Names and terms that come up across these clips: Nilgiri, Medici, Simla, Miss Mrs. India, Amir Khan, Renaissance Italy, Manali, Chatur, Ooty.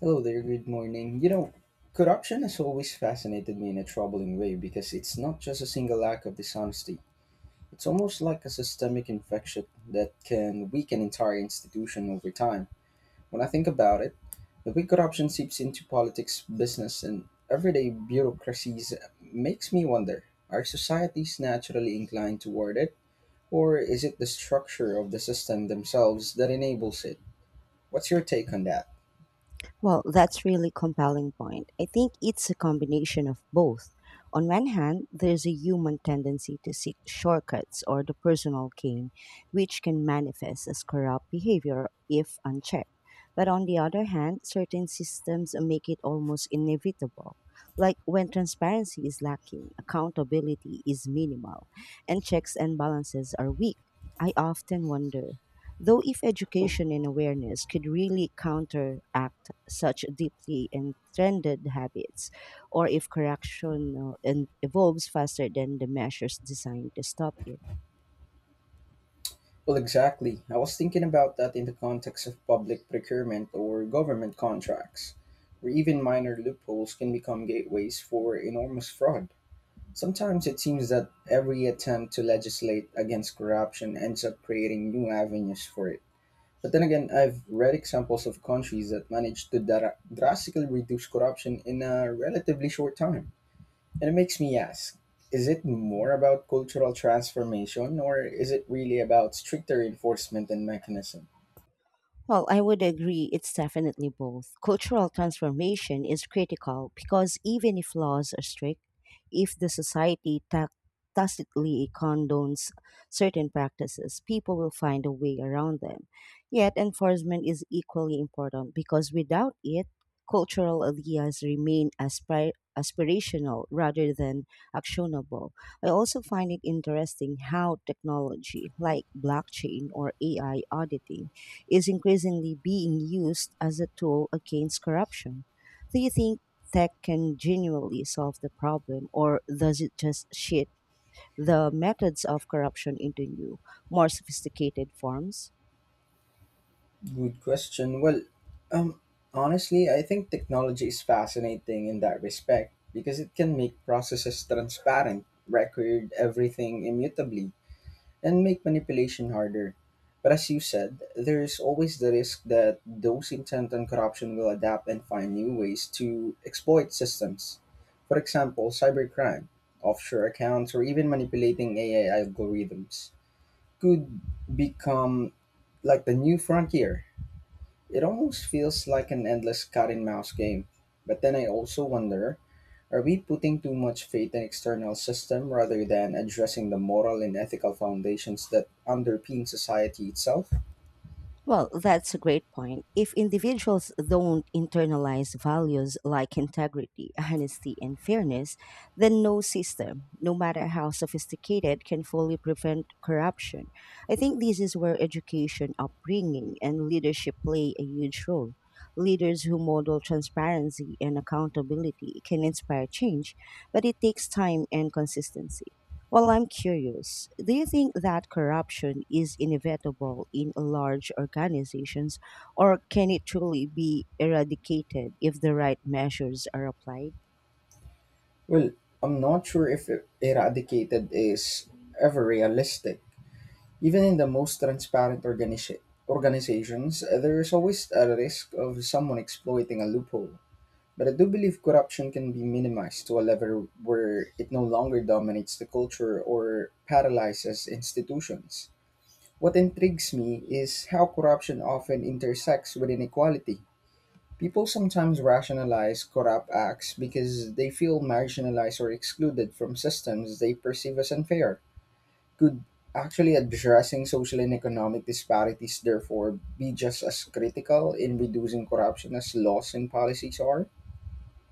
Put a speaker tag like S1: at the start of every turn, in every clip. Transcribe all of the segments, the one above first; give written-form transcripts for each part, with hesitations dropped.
S1: Hello there, good morning. Corruption has always fascinated me in a troubling way because it's not just a single act of dishonesty. It's almost like a systemic infection that can weaken entire institution over time. When I think about it, the way corruption seeps into politics, business, and everyday bureaucracies makes me wonder, are societies naturally inclined toward it, or is it the structure of the system themselves that enables it? What's your take on that?
S2: Well, that's really compelling point. I think it's a combination of both. On one hand, there's a human tendency to seek shortcuts or the personal gain, which can manifest as corrupt behavior if unchecked. But on the other hand, certain systems make it almost inevitable. Like when transparency is lacking, accountability is minimal, and checks and balances are weak. I often wonder though, if education and awareness could really counteract such deeply entrenched habits, or if correction evolves faster than the measures designed to stop it.
S1: Well, exactly. I was thinking about that in the context of public procurement or government contracts, where even minor loopholes can become gateways for enormous fraud. Sometimes it seems that every attempt to legislate against corruption ends up creating new avenues for it. But then again, I've read examples of countries that managed to drastically reduce corruption in a relatively short time. And it makes me ask, is it more about cultural transformation or is it really about stricter enforcement and mechanism?
S2: Well, I would agree it's definitely both. Cultural transformation is critical because even if laws are strict, if the society tacitly condones certain practices, people will find a way around them. Yet, enforcement is equally important because without it, cultural ideas remain aspirational rather than actionable. I also find it interesting how technology like blockchain or AI auditing is increasingly being used as a tool against corruption. Do you think tech can genuinely solve the problem, or does it just shift the methods of corruption into new, more sophisticated forms?
S1: Good question. Well, um, honestly, I think technology is fascinating in that respect because it can make processes transparent, record everything immutably, and make manipulation harder. But as you said, there is always the risk that those intent on corruption will adapt and find new ways to exploit systems. For example, cybercrime, offshore accounts, or even manipulating AI algorithms could become like the new frontier. It almost feels like an endless cat and mouse game. But then I also wonder, are we putting too much faith in external system rather than addressing the moral and ethical foundations that underpin society itself?
S2: Well, that's a great point. If individuals don't internalize values like integrity, honesty, and fairness, then no system, no matter how sophisticated, can fully prevent corruption. I think this is where education, upbringing, and leadership play a huge role. Leaders who model transparency and accountability can inspire change, but it takes time and consistency. Well, I'm curious. Do you think that corruption is inevitable in large organizations, or can it truly be eradicated if the right measures are applied?
S1: Well, I'm not sure if eradicated is ever realistic. Even in the most transparent organizations, there is always a risk of someone exploiting a loophole. But I do believe corruption can be minimized to a level where it no longer dominates the culture or paralyzes institutions. What intrigues me is how corruption often intersects with inequality. People sometimes rationalize corrupt acts because they feel marginalized or excluded from systems they perceive as unfair. Could actually addressing social and economic disparities therefore be just as critical in reducing corruption as laws and policies are?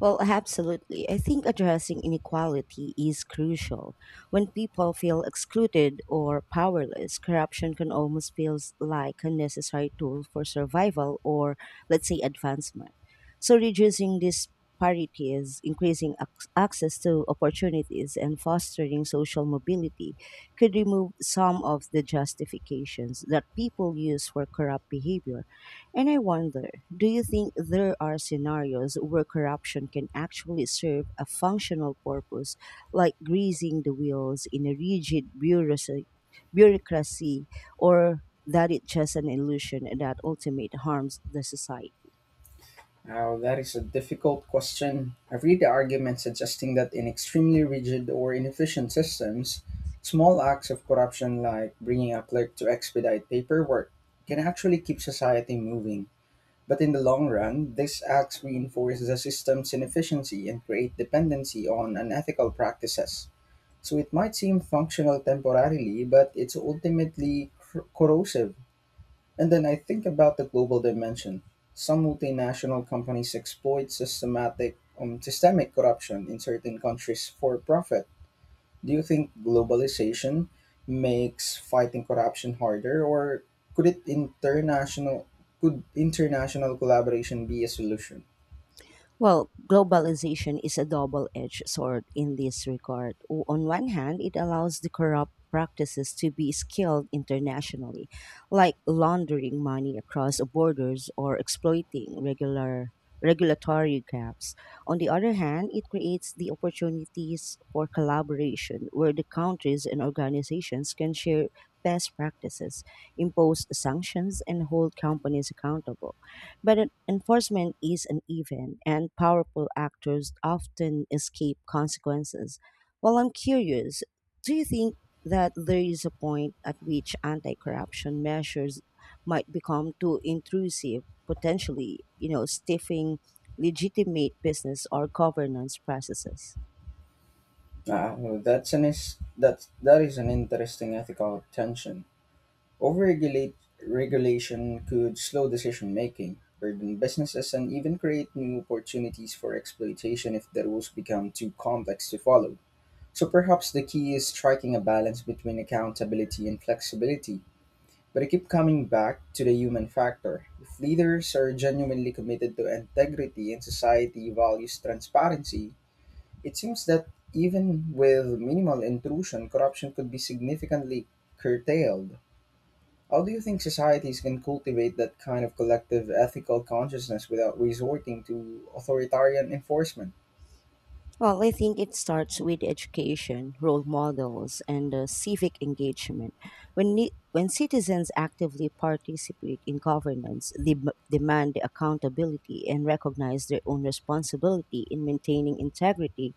S2: Well, absolutely. I think addressing inequality is crucial. When people feel excluded or powerless, corruption can almost feel like a necessary tool for survival or, let's say, advancement. So, reducing disparities, increasing access to opportunities, and fostering social mobility could remove some of the justifications that people use for corrupt behavior. And I wonder, do you think there are scenarios where corruption can actually serve a functional purpose, like greasing the wheels in a rigid bureaucracy, or that it's just an illusion that ultimately harms the society?
S1: Now, that is a difficult question. I have read the argument suggesting that in extremely rigid or inefficient systems, small acts of corruption like bringing a clerk to expedite paperwork can actually keep society moving. But in the long run, these acts reinforce the system's inefficiency and create dependency on unethical practices. So it might seem functional temporarily, but it's ultimately corrosive. And then I think about the global dimension. Some multinational companies exploit systemic corruption in certain countries for profit. Do you think globalization makes fighting corruption harder, or could it international could international collaboration be a solution?
S2: Well, globalization is a double edged sword in this regard. On one hand, it allows the corrupt practices to be scaled internationally, like laundering money across borders or exploiting regular regulatory gaps. On the other hand, it creates the opportunities for collaboration where the countries and organizations can share best practices, impose sanctions and hold companies accountable. But enforcement is uneven, and powerful actors often escape consequences. Well, I'm curious, do you think that there is a point at which anti corruption measures might become too intrusive, potentially, you know, stiffing legitimate business or governance processes?
S1: Uh, that is an interesting ethical tension. Overregulate Regulation could slow decision making, burden businesses, and even create new opportunities for exploitation if the rules become too complex to follow. So perhaps the key is striking a balance between accountability and flexibility. But I keep coming back to the human factor. If leaders are genuinely committed to integrity and society values transparency, it seems that even with minimal intrusion, corruption could be significantly curtailed. How do you think societies can cultivate that kind of collective ethical consciousness without resorting to authoritarian enforcement?
S2: Well, I think it starts with education, role models, and civic engagement. When citizens actively participate in governance, they demand accountability and recognize their own responsibility in maintaining integrity,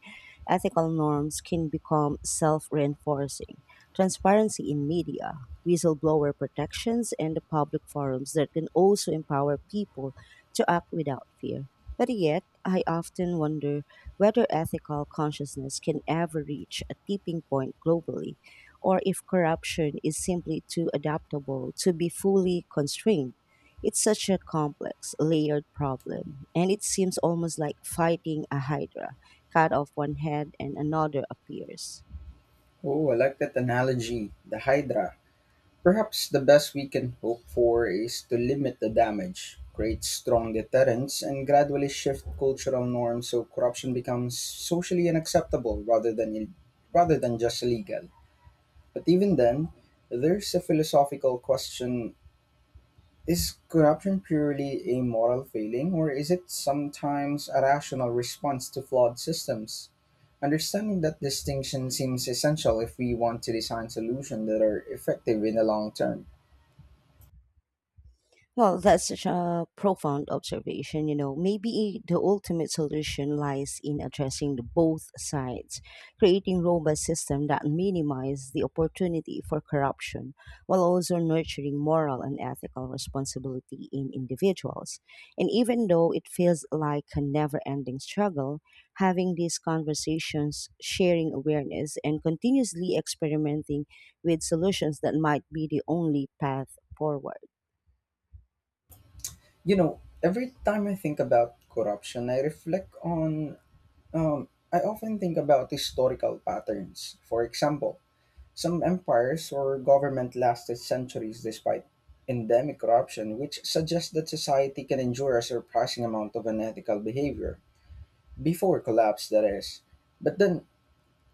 S2: ethical norms can become self reinforcing. Transparency in media, whistleblower protections, and the public forums that can also empower people to act without fear. But yet, I often wonder whether ethical consciousness can ever reach a tipping point globally, or if corruption is simply too adaptable to be fully constrained. It's such a complex, layered problem, and it seems almost like fighting a hydra. Cut off one head and another appears.
S1: Oh, I like that analogy, the Hydra. Perhaps the best we can hope for is to limit the damage, create strong deterrents, and gradually shift cultural norms so corruption becomes socially unacceptable rather than just illegal. But even then, there's a philosophical question. Is corruption purely a moral failing, or is it sometimes a rational response to flawed systems? Understanding that distinction seems essential if we want to design solutions that are effective in the long term.
S2: Well, that's such a profound observation. You know, maybe the ultimate solution lies in addressing the both sides, creating robust systems that minimize the opportunity for corruption, while also nurturing moral and ethical responsibility in individuals. And even though it feels like a never-ending struggle, having these conversations, sharing awareness, and continuously experimenting with solutions that might be the only path forward.
S1: You know, every time I think about corruption, I often think about historical patterns. For example, some empires or government lasted centuries despite endemic corruption, which suggests that society can endure a surprising amount of unethical behavior before collapse, that is. But then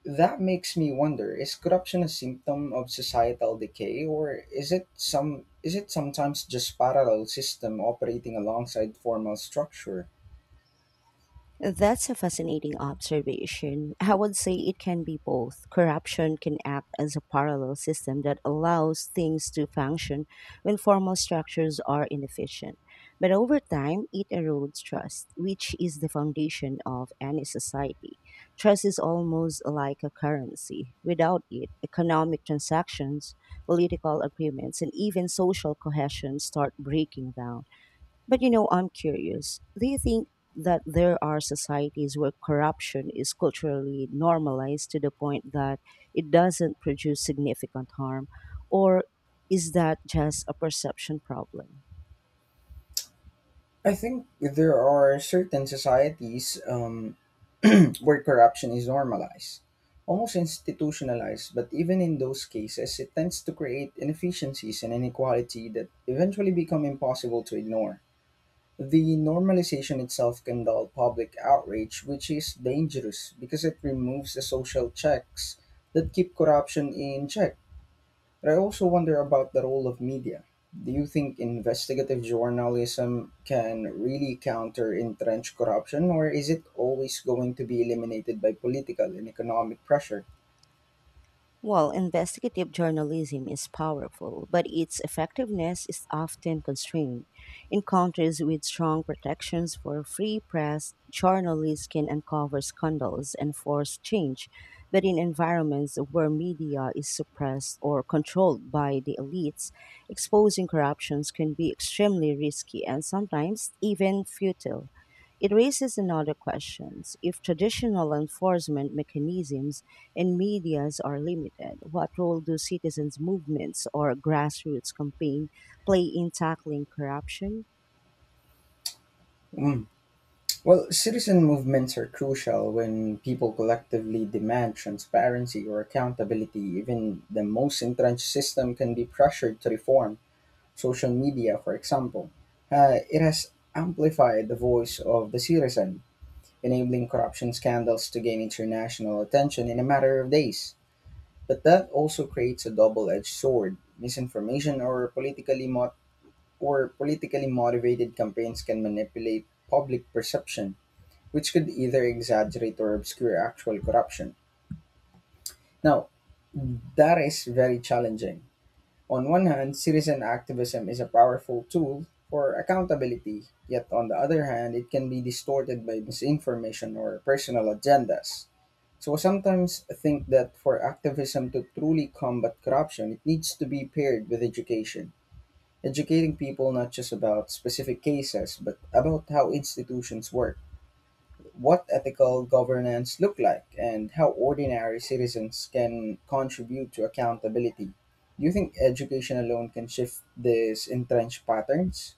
S1: that makes me wonder, is corruption a symptom of societal decay or is it sometimes just parallel system operating alongside formal structure?
S2: That's a fascinating observation. I would say it can be both. Corruption can act as a parallel system that allows things to function when formal structures are inefficient. But over time, it erodes trust, which is the foundation of any society. Trust is almost like a currency. Without it, economic transactions, political agreements, and even social cohesion start breaking down. But you know, I'm curious. Do you think that there are societies where corruption is culturally normalized to the point that it doesn't produce significant harm? Or is that just a perception problem?
S1: I think there are certain societies where corruption is normalized, almost institutionalized, but even in those cases, it tends to create inefficiencies and inequality that eventually become impossible to ignore. The normalization itself can dull public outrage, which is dangerous because it removes the social checks that keep corruption in check. But I also wonder about the role of media. Do you think investigative journalism can really counter entrenched corruption, or is it always going to be eliminated by political and economic pressure?
S2: While investigative journalism is powerful, but its effectiveness is often constrained. In countries with strong protections for free press, journalists can uncover scandals and force change, but in environments where media is suppressed or controlled by the elites, exposing corruptions can be extremely risky and sometimes even futile. It raises another question. If traditional enforcement mechanisms and medias are limited, what role do citizens' movements or grassroots campaign play in tackling corruption?
S1: Mm. Well, citizen movements are crucial when people collectively demand transparency or accountability. Even the most entrenched system can be pressured to reform. Social media, for example, it has amplified the voice of the citizen, enabling corruption scandals to gain international attention in a matter of days. But that also creates a double-edged sword. Misinformation or or politically motivated campaigns can manipulate public perception, which could either exaggerate or obscure actual corruption. Now, that is very challenging. On one hand, citizen activism is a powerful tool for accountability, yet on the other hand, it can be distorted by misinformation or personal agendas. Sometimes think that for activism to truly combat corruption, it needs to be paired with education. Educating people not just about specific cases, but about how institutions work, what ethical governance look like, and how ordinary citizens can contribute to accountability. Do you think education alone can shift these entrenched patterns?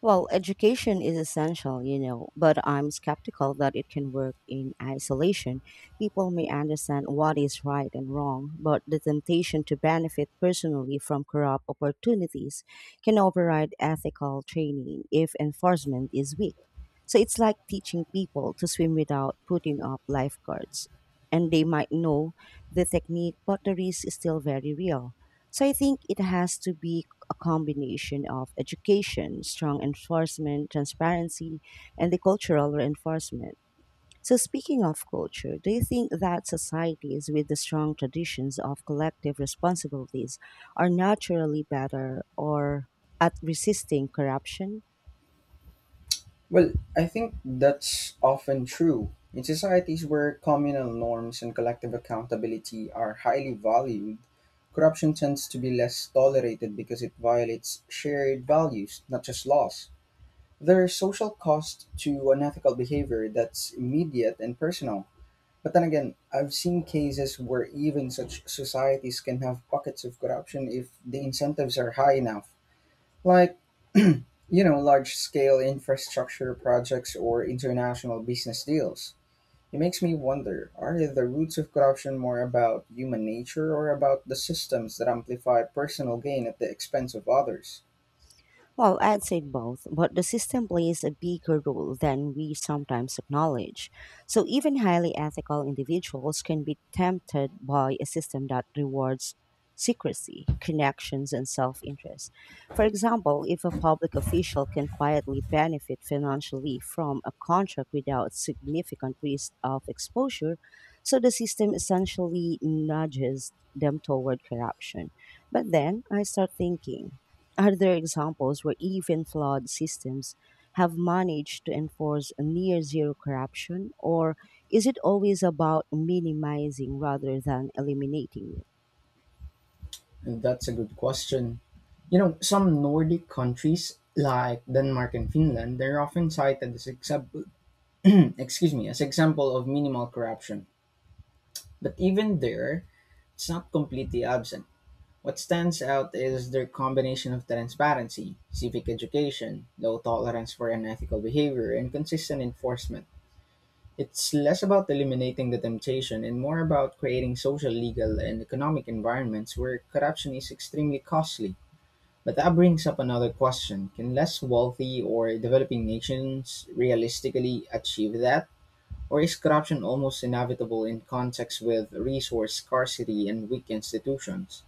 S2: Well, education is essential, you know, but I'm skeptical that it can work in isolation. People may understand what is right and wrong, but the temptation to benefit personally from corrupt opportunities can override ethical training if enforcement is weak. So it's like teaching people to swim without putting up lifeguards. And they might know the technique, but the risk is still very real. So I think it has to be a combination of education, strong enforcement, transparency, and the cultural reinforcement. So speaking of culture, do you think that societies with the strong traditions of collective responsibilities are naturally better or at resisting corruption?
S1: Well, I think that's often true. In societies where communal norms and collective accountability are highly valued, corruption tends to be less tolerated because it violates shared values, not just laws. There are social costs to unethical behavior that's immediate and personal. But then again, I've seen cases where even such societies can have pockets of corruption if the incentives are high enough, like you know, large scale infrastructure projects or international business deals. It makes me wonder, are the roots of corruption more about human nature or about the systems that amplify personal gain at the expense of others?
S2: Well, I'd say both, but the system plays a bigger role than we sometimes acknowledge. So, even highly ethical individuals can be tempted by a system that rewards secrecy, connections, and self interest. For example, if a public official can quietly benefit financially from a contract without significant risk of exposure, so the system essentially nudges them toward corruption. But then I start thinking. Are there examples where even flawed systems have managed to enforce near zero corruption, or is it always about minimizing rather than eliminating it?
S1: That's a good question. You know, some Nordic countries like Denmark and Finland, they're often cited as example. Excuse me, as example of minimal corruption. But even there, it's not completely absent. What stands out is their combination of transparency, civic education, low tolerance for unethical behavior, and consistent enforcement. It's less about eliminating the temptation and more about creating social, legal, and economic environments where corruption is extremely costly. But that brings up another question, can less wealthy or developing nations realistically achieve that? Or is corruption almost inevitable in contexts with resource scarcity and weak institutions?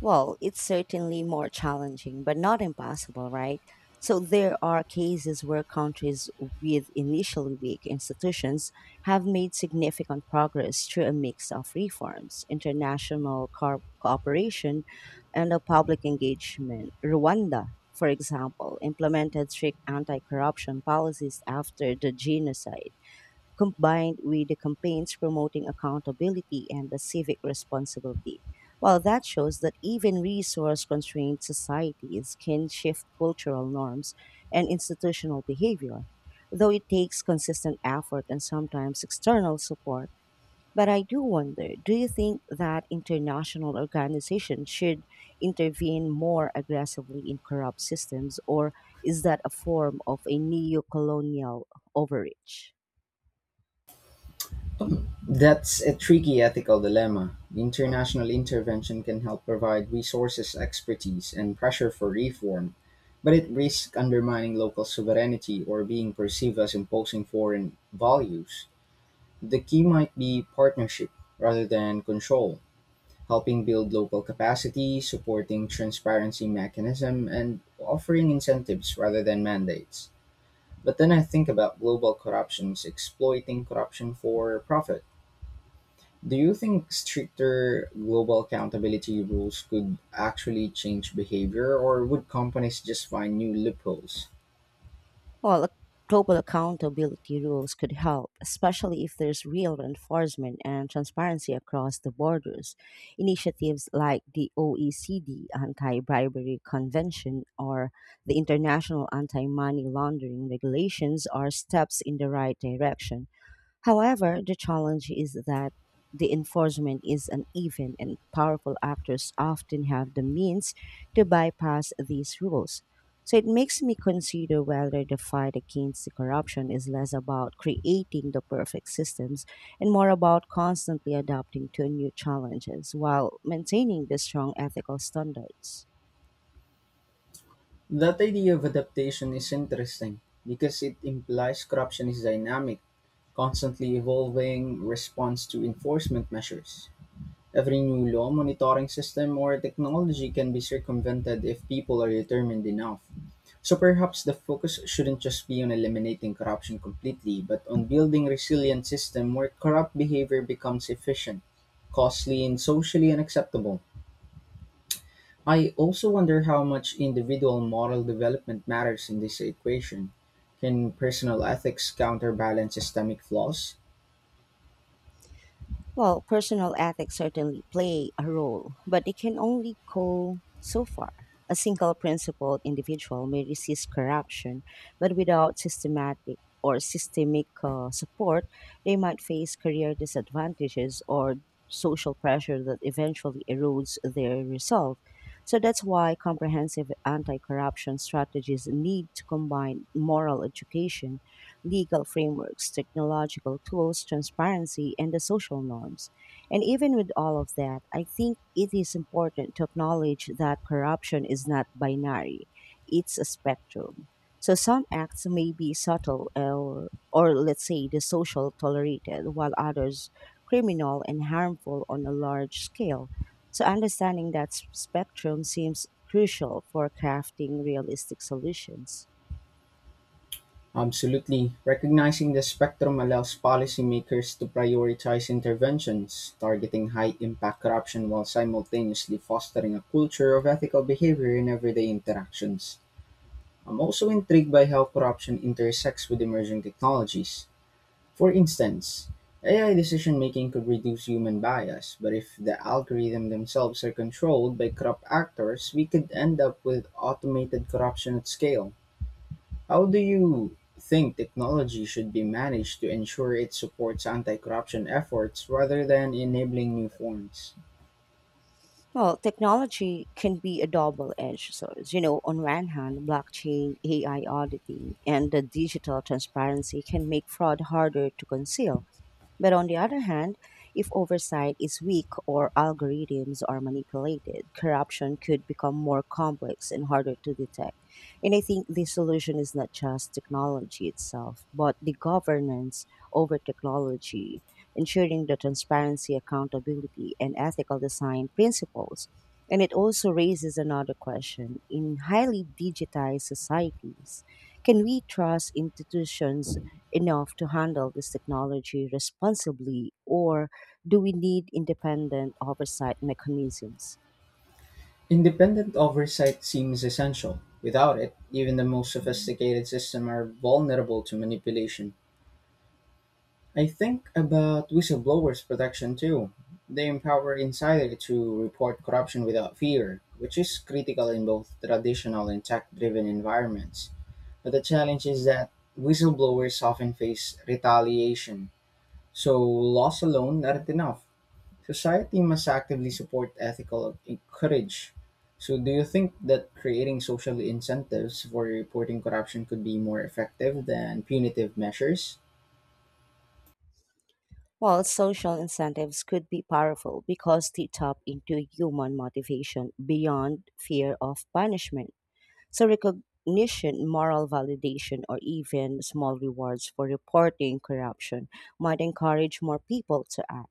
S2: Well, it's certainly more challenging, but not impossible, right? So there are cases where countries with initially weak institutions have made significant progress through a mix of reforms, international cooperation, and a public engagement. Rwanda, for example, implemented strict anti-corruption policies after the genocide combined with the campaigns promoting accountability and the civic responsibility. Well, that shows that even resource constrained societies can shift cultural norms and institutional behavior, though it takes consistent effort and sometimes external support. But I do wonder, do you think that international organizations should intervene more aggressively in corrupt systems, or is that a form of a neo colonial overreach?
S1: That's a tricky ethical dilemma. International intervention can help provide resources, expertise, and pressure for reform, but it risks undermining local sovereignty or being perceived as imposing foreign values. The key might be partnership rather than control, helping build local capacity, supporting transparency mechanism, and offering incentives rather than mandates. But then I think about global corruptions, exploiting corruption for profit. Do you think stricter global accountability rules could actually change behavior, or would companies just find new loopholes?
S2: Well, global accountability rules could help, especially if there's real enforcement and transparency across the borders. Initiatives like the OECD Anti Bribery Convention or the International Anti Money Laundering Regulations are steps in the right direction. However, the challenge is that the enforcement is uneven and powerful actors often have the means to bypass these rules. So it makes me consider whether the fight against the corruption is less about creating the perfect systems and more about constantly adapting to new challenges while maintaining the strong ethical standards.
S1: That idea of adaptation is interesting because it implies corruption is dynamic, constantly evolving response to enforcement measures. Every new law, monitoring system, or technology can be circumvented if people are determined enough. So perhaps the focus shouldn't just be on eliminating corruption completely, but on building resilient system where corrupt behavior becomes efficient, costly, and socially unacceptable. I also wonder how much individual moral development matters in this equation. Can personal ethics counterbalance systemic flaws?
S2: Well, personal ethics certainly play a role, but it can only go so far. A single principled individual may resist corruption, but without systematic or systemic support, they might face career disadvantages or social pressure that eventually erodes their resolve. So that's why comprehensive anti corruption strategies need to combine moral education, legal frameworks, technological tools, transparency, and the social norms. And even with all of that, I think it is important to acknowledge that corruption is not binary, it's a spectrum. So some acts may be subtle or let's say, the social tolerated, while others criminal and harmful on a large scale. So understanding that spectrum seems crucial for crafting realistic solutions.
S1: Absolutely. Recognizing the spectrum allows policymakers to prioritize interventions, targeting high impact corruption while simultaneously fostering a culture of ethical behavior in everyday interactions. I'm also intrigued by how corruption intersects with emerging technologies. For instance, AI decision making could reduce human bias, but if the algorithm themselves are controlled by corrupt actors, we could end up with automated corruption at scale. How do you think technology should be managed to ensure it supports anti corruption efforts rather than enabling new forms?
S2: Well, technology can be a double-edged sword. You know, on one hand, blockchain, AI auditing, and the digital transparency can make fraud harder to conceal. But on the other hand, if oversight is weak or algorithms are manipulated, corruption could become more complex and harder to detect. And I think the solution is not just technology itself, but the governance over technology, ensuring the transparency, accountability, and ethical design principles. And it also raises another question. In highly digitized societies, can we trust institutions enough to handle this technology responsibly, or do we need independent oversight mechanisms?
S1: Independent oversight seems essential. Without it, even the most sophisticated systems are vulnerable to manipulation. I think about whistleblowers' protection too. They empower insiders to report corruption without fear, which is critical in both traditional and tech driven environments. But the challenge is that whistleblowers often face retaliation, so laws alone aren't enough. Society must actively support ethical courage. So, do you think that creating social incentives for reporting corruption could be more effective than punitive measures?
S2: Well, social incentives could be powerful because they tap into human motivation beyond fear of punishment. So recognition, moral validation, or even small rewards for reporting corruption might encourage more people to act.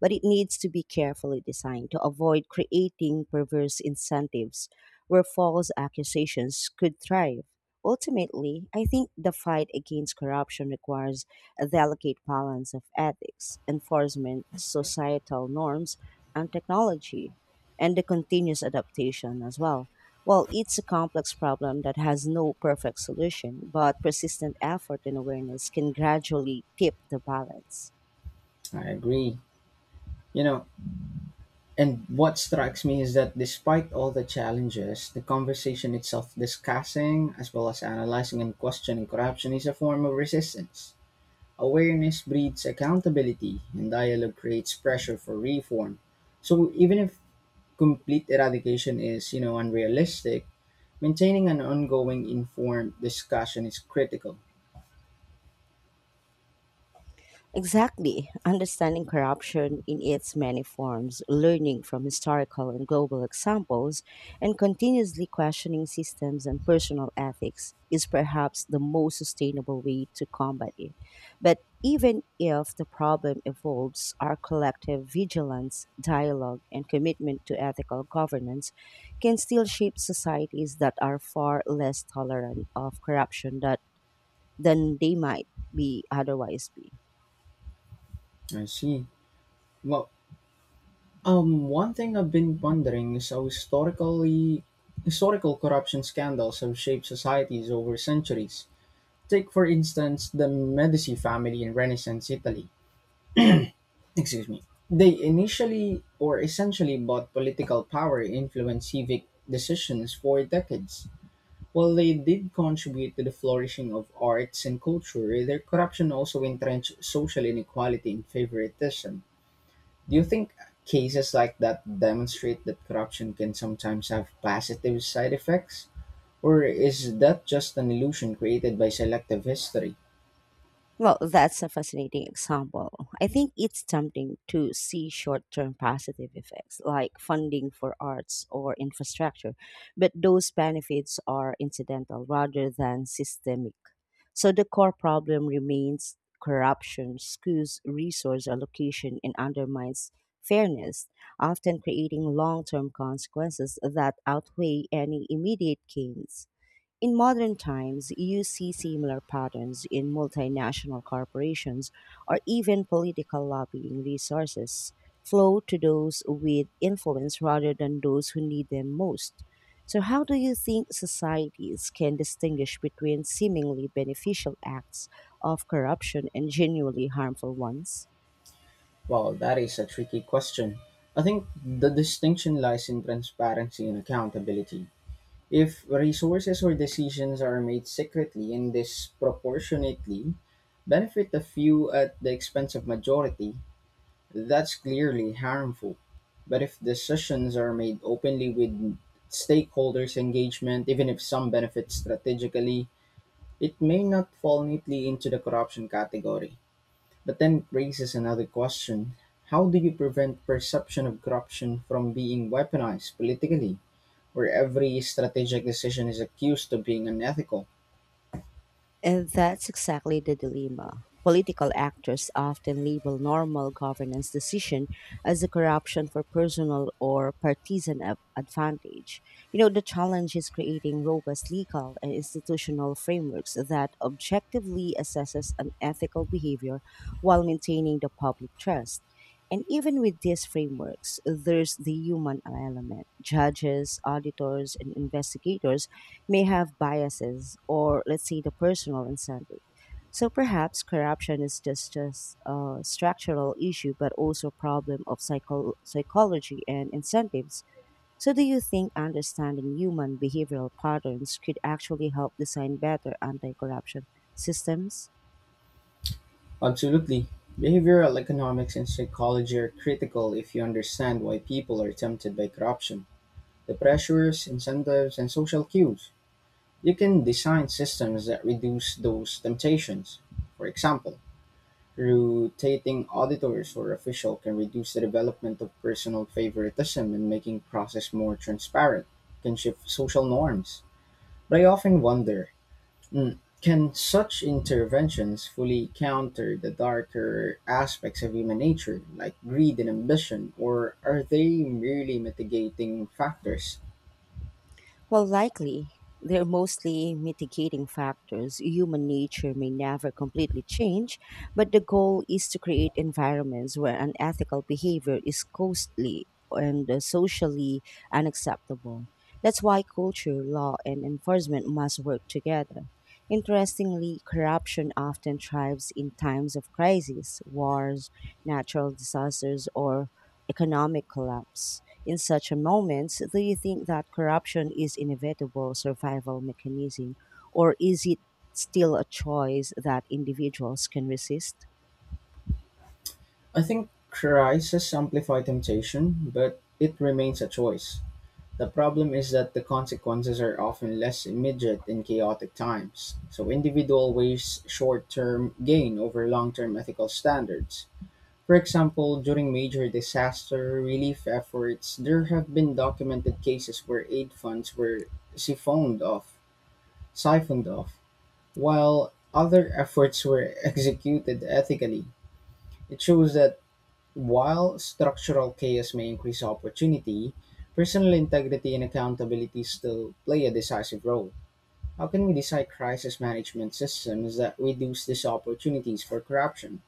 S2: But it needs to be carefully designed to avoid creating perverse incentives where false accusations could thrive. Ultimately, I think the fight against corruption requires a delicate balance of ethics, enforcement, societal norms, and technology, and the continuous adaptation as well. Well, it's a complex problem that has no perfect solution, but persistent effort and awareness can gradually tip the balance.
S1: I agree. You know, and what strikes me is that despite all the challenges, the conversation itself discussing as well as analyzing and questioning corruption is a form of resistance. Awareness breeds accountability, and dialogue creates pressure for reform. So even if complete eradication is, unrealistic, maintaining an ongoing informed discussion is critical.
S2: Exactly. Understanding corruption in its many forms, learning from historical and global examples, and continuously questioning systems and personal ethics is perhaps the most sustainable way to combat it. But even if the problem evolves, our collective vigilance, dialogue, and commitment to ethical governance can still shape societies that are far less tolerant of corruption that, than they might be otherwise be.
S1: I see. Well, one thing I've been wondering is how historical corruption scandals have shaped societies over centuries. Take, for instance, the Medici family in Renaissance Italy. Excuse me, they initially or essentially bought political power influenced civic decisions for decades. While they did contribute to the flourishing of arts and culture, their corruption also entrenched social inequality and favoritism. Do you think cases like that demonstrate that corruption can sometimes have positive side effects? Or is that just an illusion created by selective history?
S2: Well, that's a fascinating example. I think it's tempting to see short term positive effects like funding for arts or infrastructure, but those benefits are incidental rather than systemic. So the core problem remains corruption, skews resource allocation, and undermines fairness, often creating long term consequences that outweigh any immediate gains. In modern times, you see similar patterns in multinational corporations or even political lobbying resources flow to those with influence rather than those who need them most. So, how do you think societies can distinguish between seemingly beneficial acts of corruption and genuinely harmful ones?
S1: Well, that is a tricky question. I think the distinction lies in transparency and accountability. If resources or decisions are made secretly and disproportionately benefit a few at the expense of majority, that's clearly harmful. But if decisions are made openly with stakeholders' engagement, even if some benefit strategically, it may not fall neatly into the corruption category. But then it raises another question: how do you prevent perception of corruption from being weaponized politically, where every strategic decision is accused of being unethical?
S2: And that's exactly the dilemma. Political actors often label normal governance decision as a corruption for personal or partisan advantage. You know, the challenge is creating robust legal and institutional frameworks that objectively assesses unethical behavior while maintaining the public trust. And even with these frameworks, there's the human element. Judges, auditors, and investigators may have biases or, let's say, the personal incentive. So perhaps corruption is just a structural issue, but also a problem of psychology and incentives. So do you think understanding human behavioral patterns could actually help design better anti-corruption systems?
S1: Absolutely. Behavioral economics and psychology are critical. If you understand why people are tempted by corruption, the pressures, incentives, and social cues, you can design systems that reduce those temptations. For example, rotating auditors or officials can reduce the development of personal favoritism, and making process more transparent can shift social norms. But I often wonder, mm, can such interventions fully counter the darker aspects of human nature, like greed and ambition, or are they merely mitigating factors?
S2: While likely, they're mostly mitigating factors. Human nature may never completely change, but the goal is to create environments where unethical behavior is costly and socially unacceptable. That's why culture, law, and enforcement must work together. Interestingly, corruption often thrives in times of crisis, wars, natural disasters, or economic collapse. In such a moment, do you think that corruption is inevitable survival mechanism, or is it still a choice that individuals can resist?
S1: I think crisis amplify temptation, but it remains a choice. The problem is that the consequences are often less immediate in chaotic times, so individual weighs short term gain over long term ethical standards. For example, during major disaster relief efforts, there have been documented cases where aid funds were siphoned off, siphoned off, while other efforts were executed ethically. It shows that while structural chaos may increase opportunity, personal integrity and accountability still play a decisive role. How can we design crisis management systems that reduce these opportunities for corruption?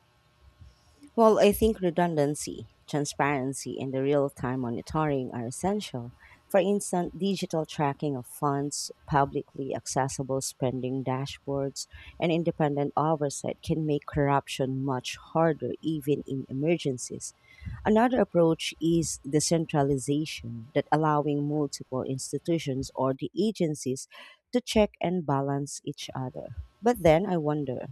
S2: Well, I think redundancy, transparency, and the real time monitoring are essential. For instance, digital tracking of funds, publicly accessible spending dashboards, and independent oversight can make corruption much harder, even in emergencies. Another approach is decentralization, that allowing multiple institutions or the agencies to check and balance each other. But then I wonder,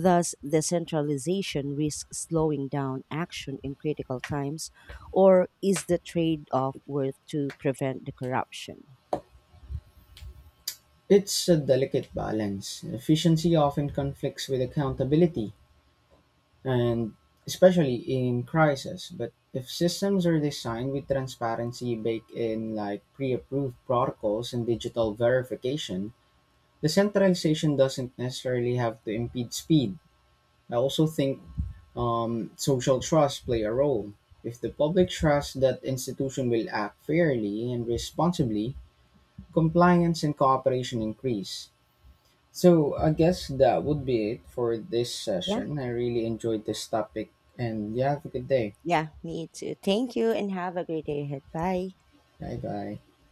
S2: thus, decentralization risks slowing down action in critical times, or is the trade off worth to prevent the corruption?
S1: It's a delicate balance. Efficiency often conflicts with accountability, and especially in crisis. But if systems are designed with transparency baked in, like pre approved protocols and digital verification, the centralization doesn't necessarily have to impede speed. I also think social trust play a role. If the public trusts that institution will act fairly and responsibly, compliance and cooperation increase. So I guess that would be it for this
S2: Yeah,
S1: session. I really enjoyed this topic, and yeah, have a good day.
S2: yeah, me too. Thank you and have a great day ahead. Bye.
S1: Bye bye.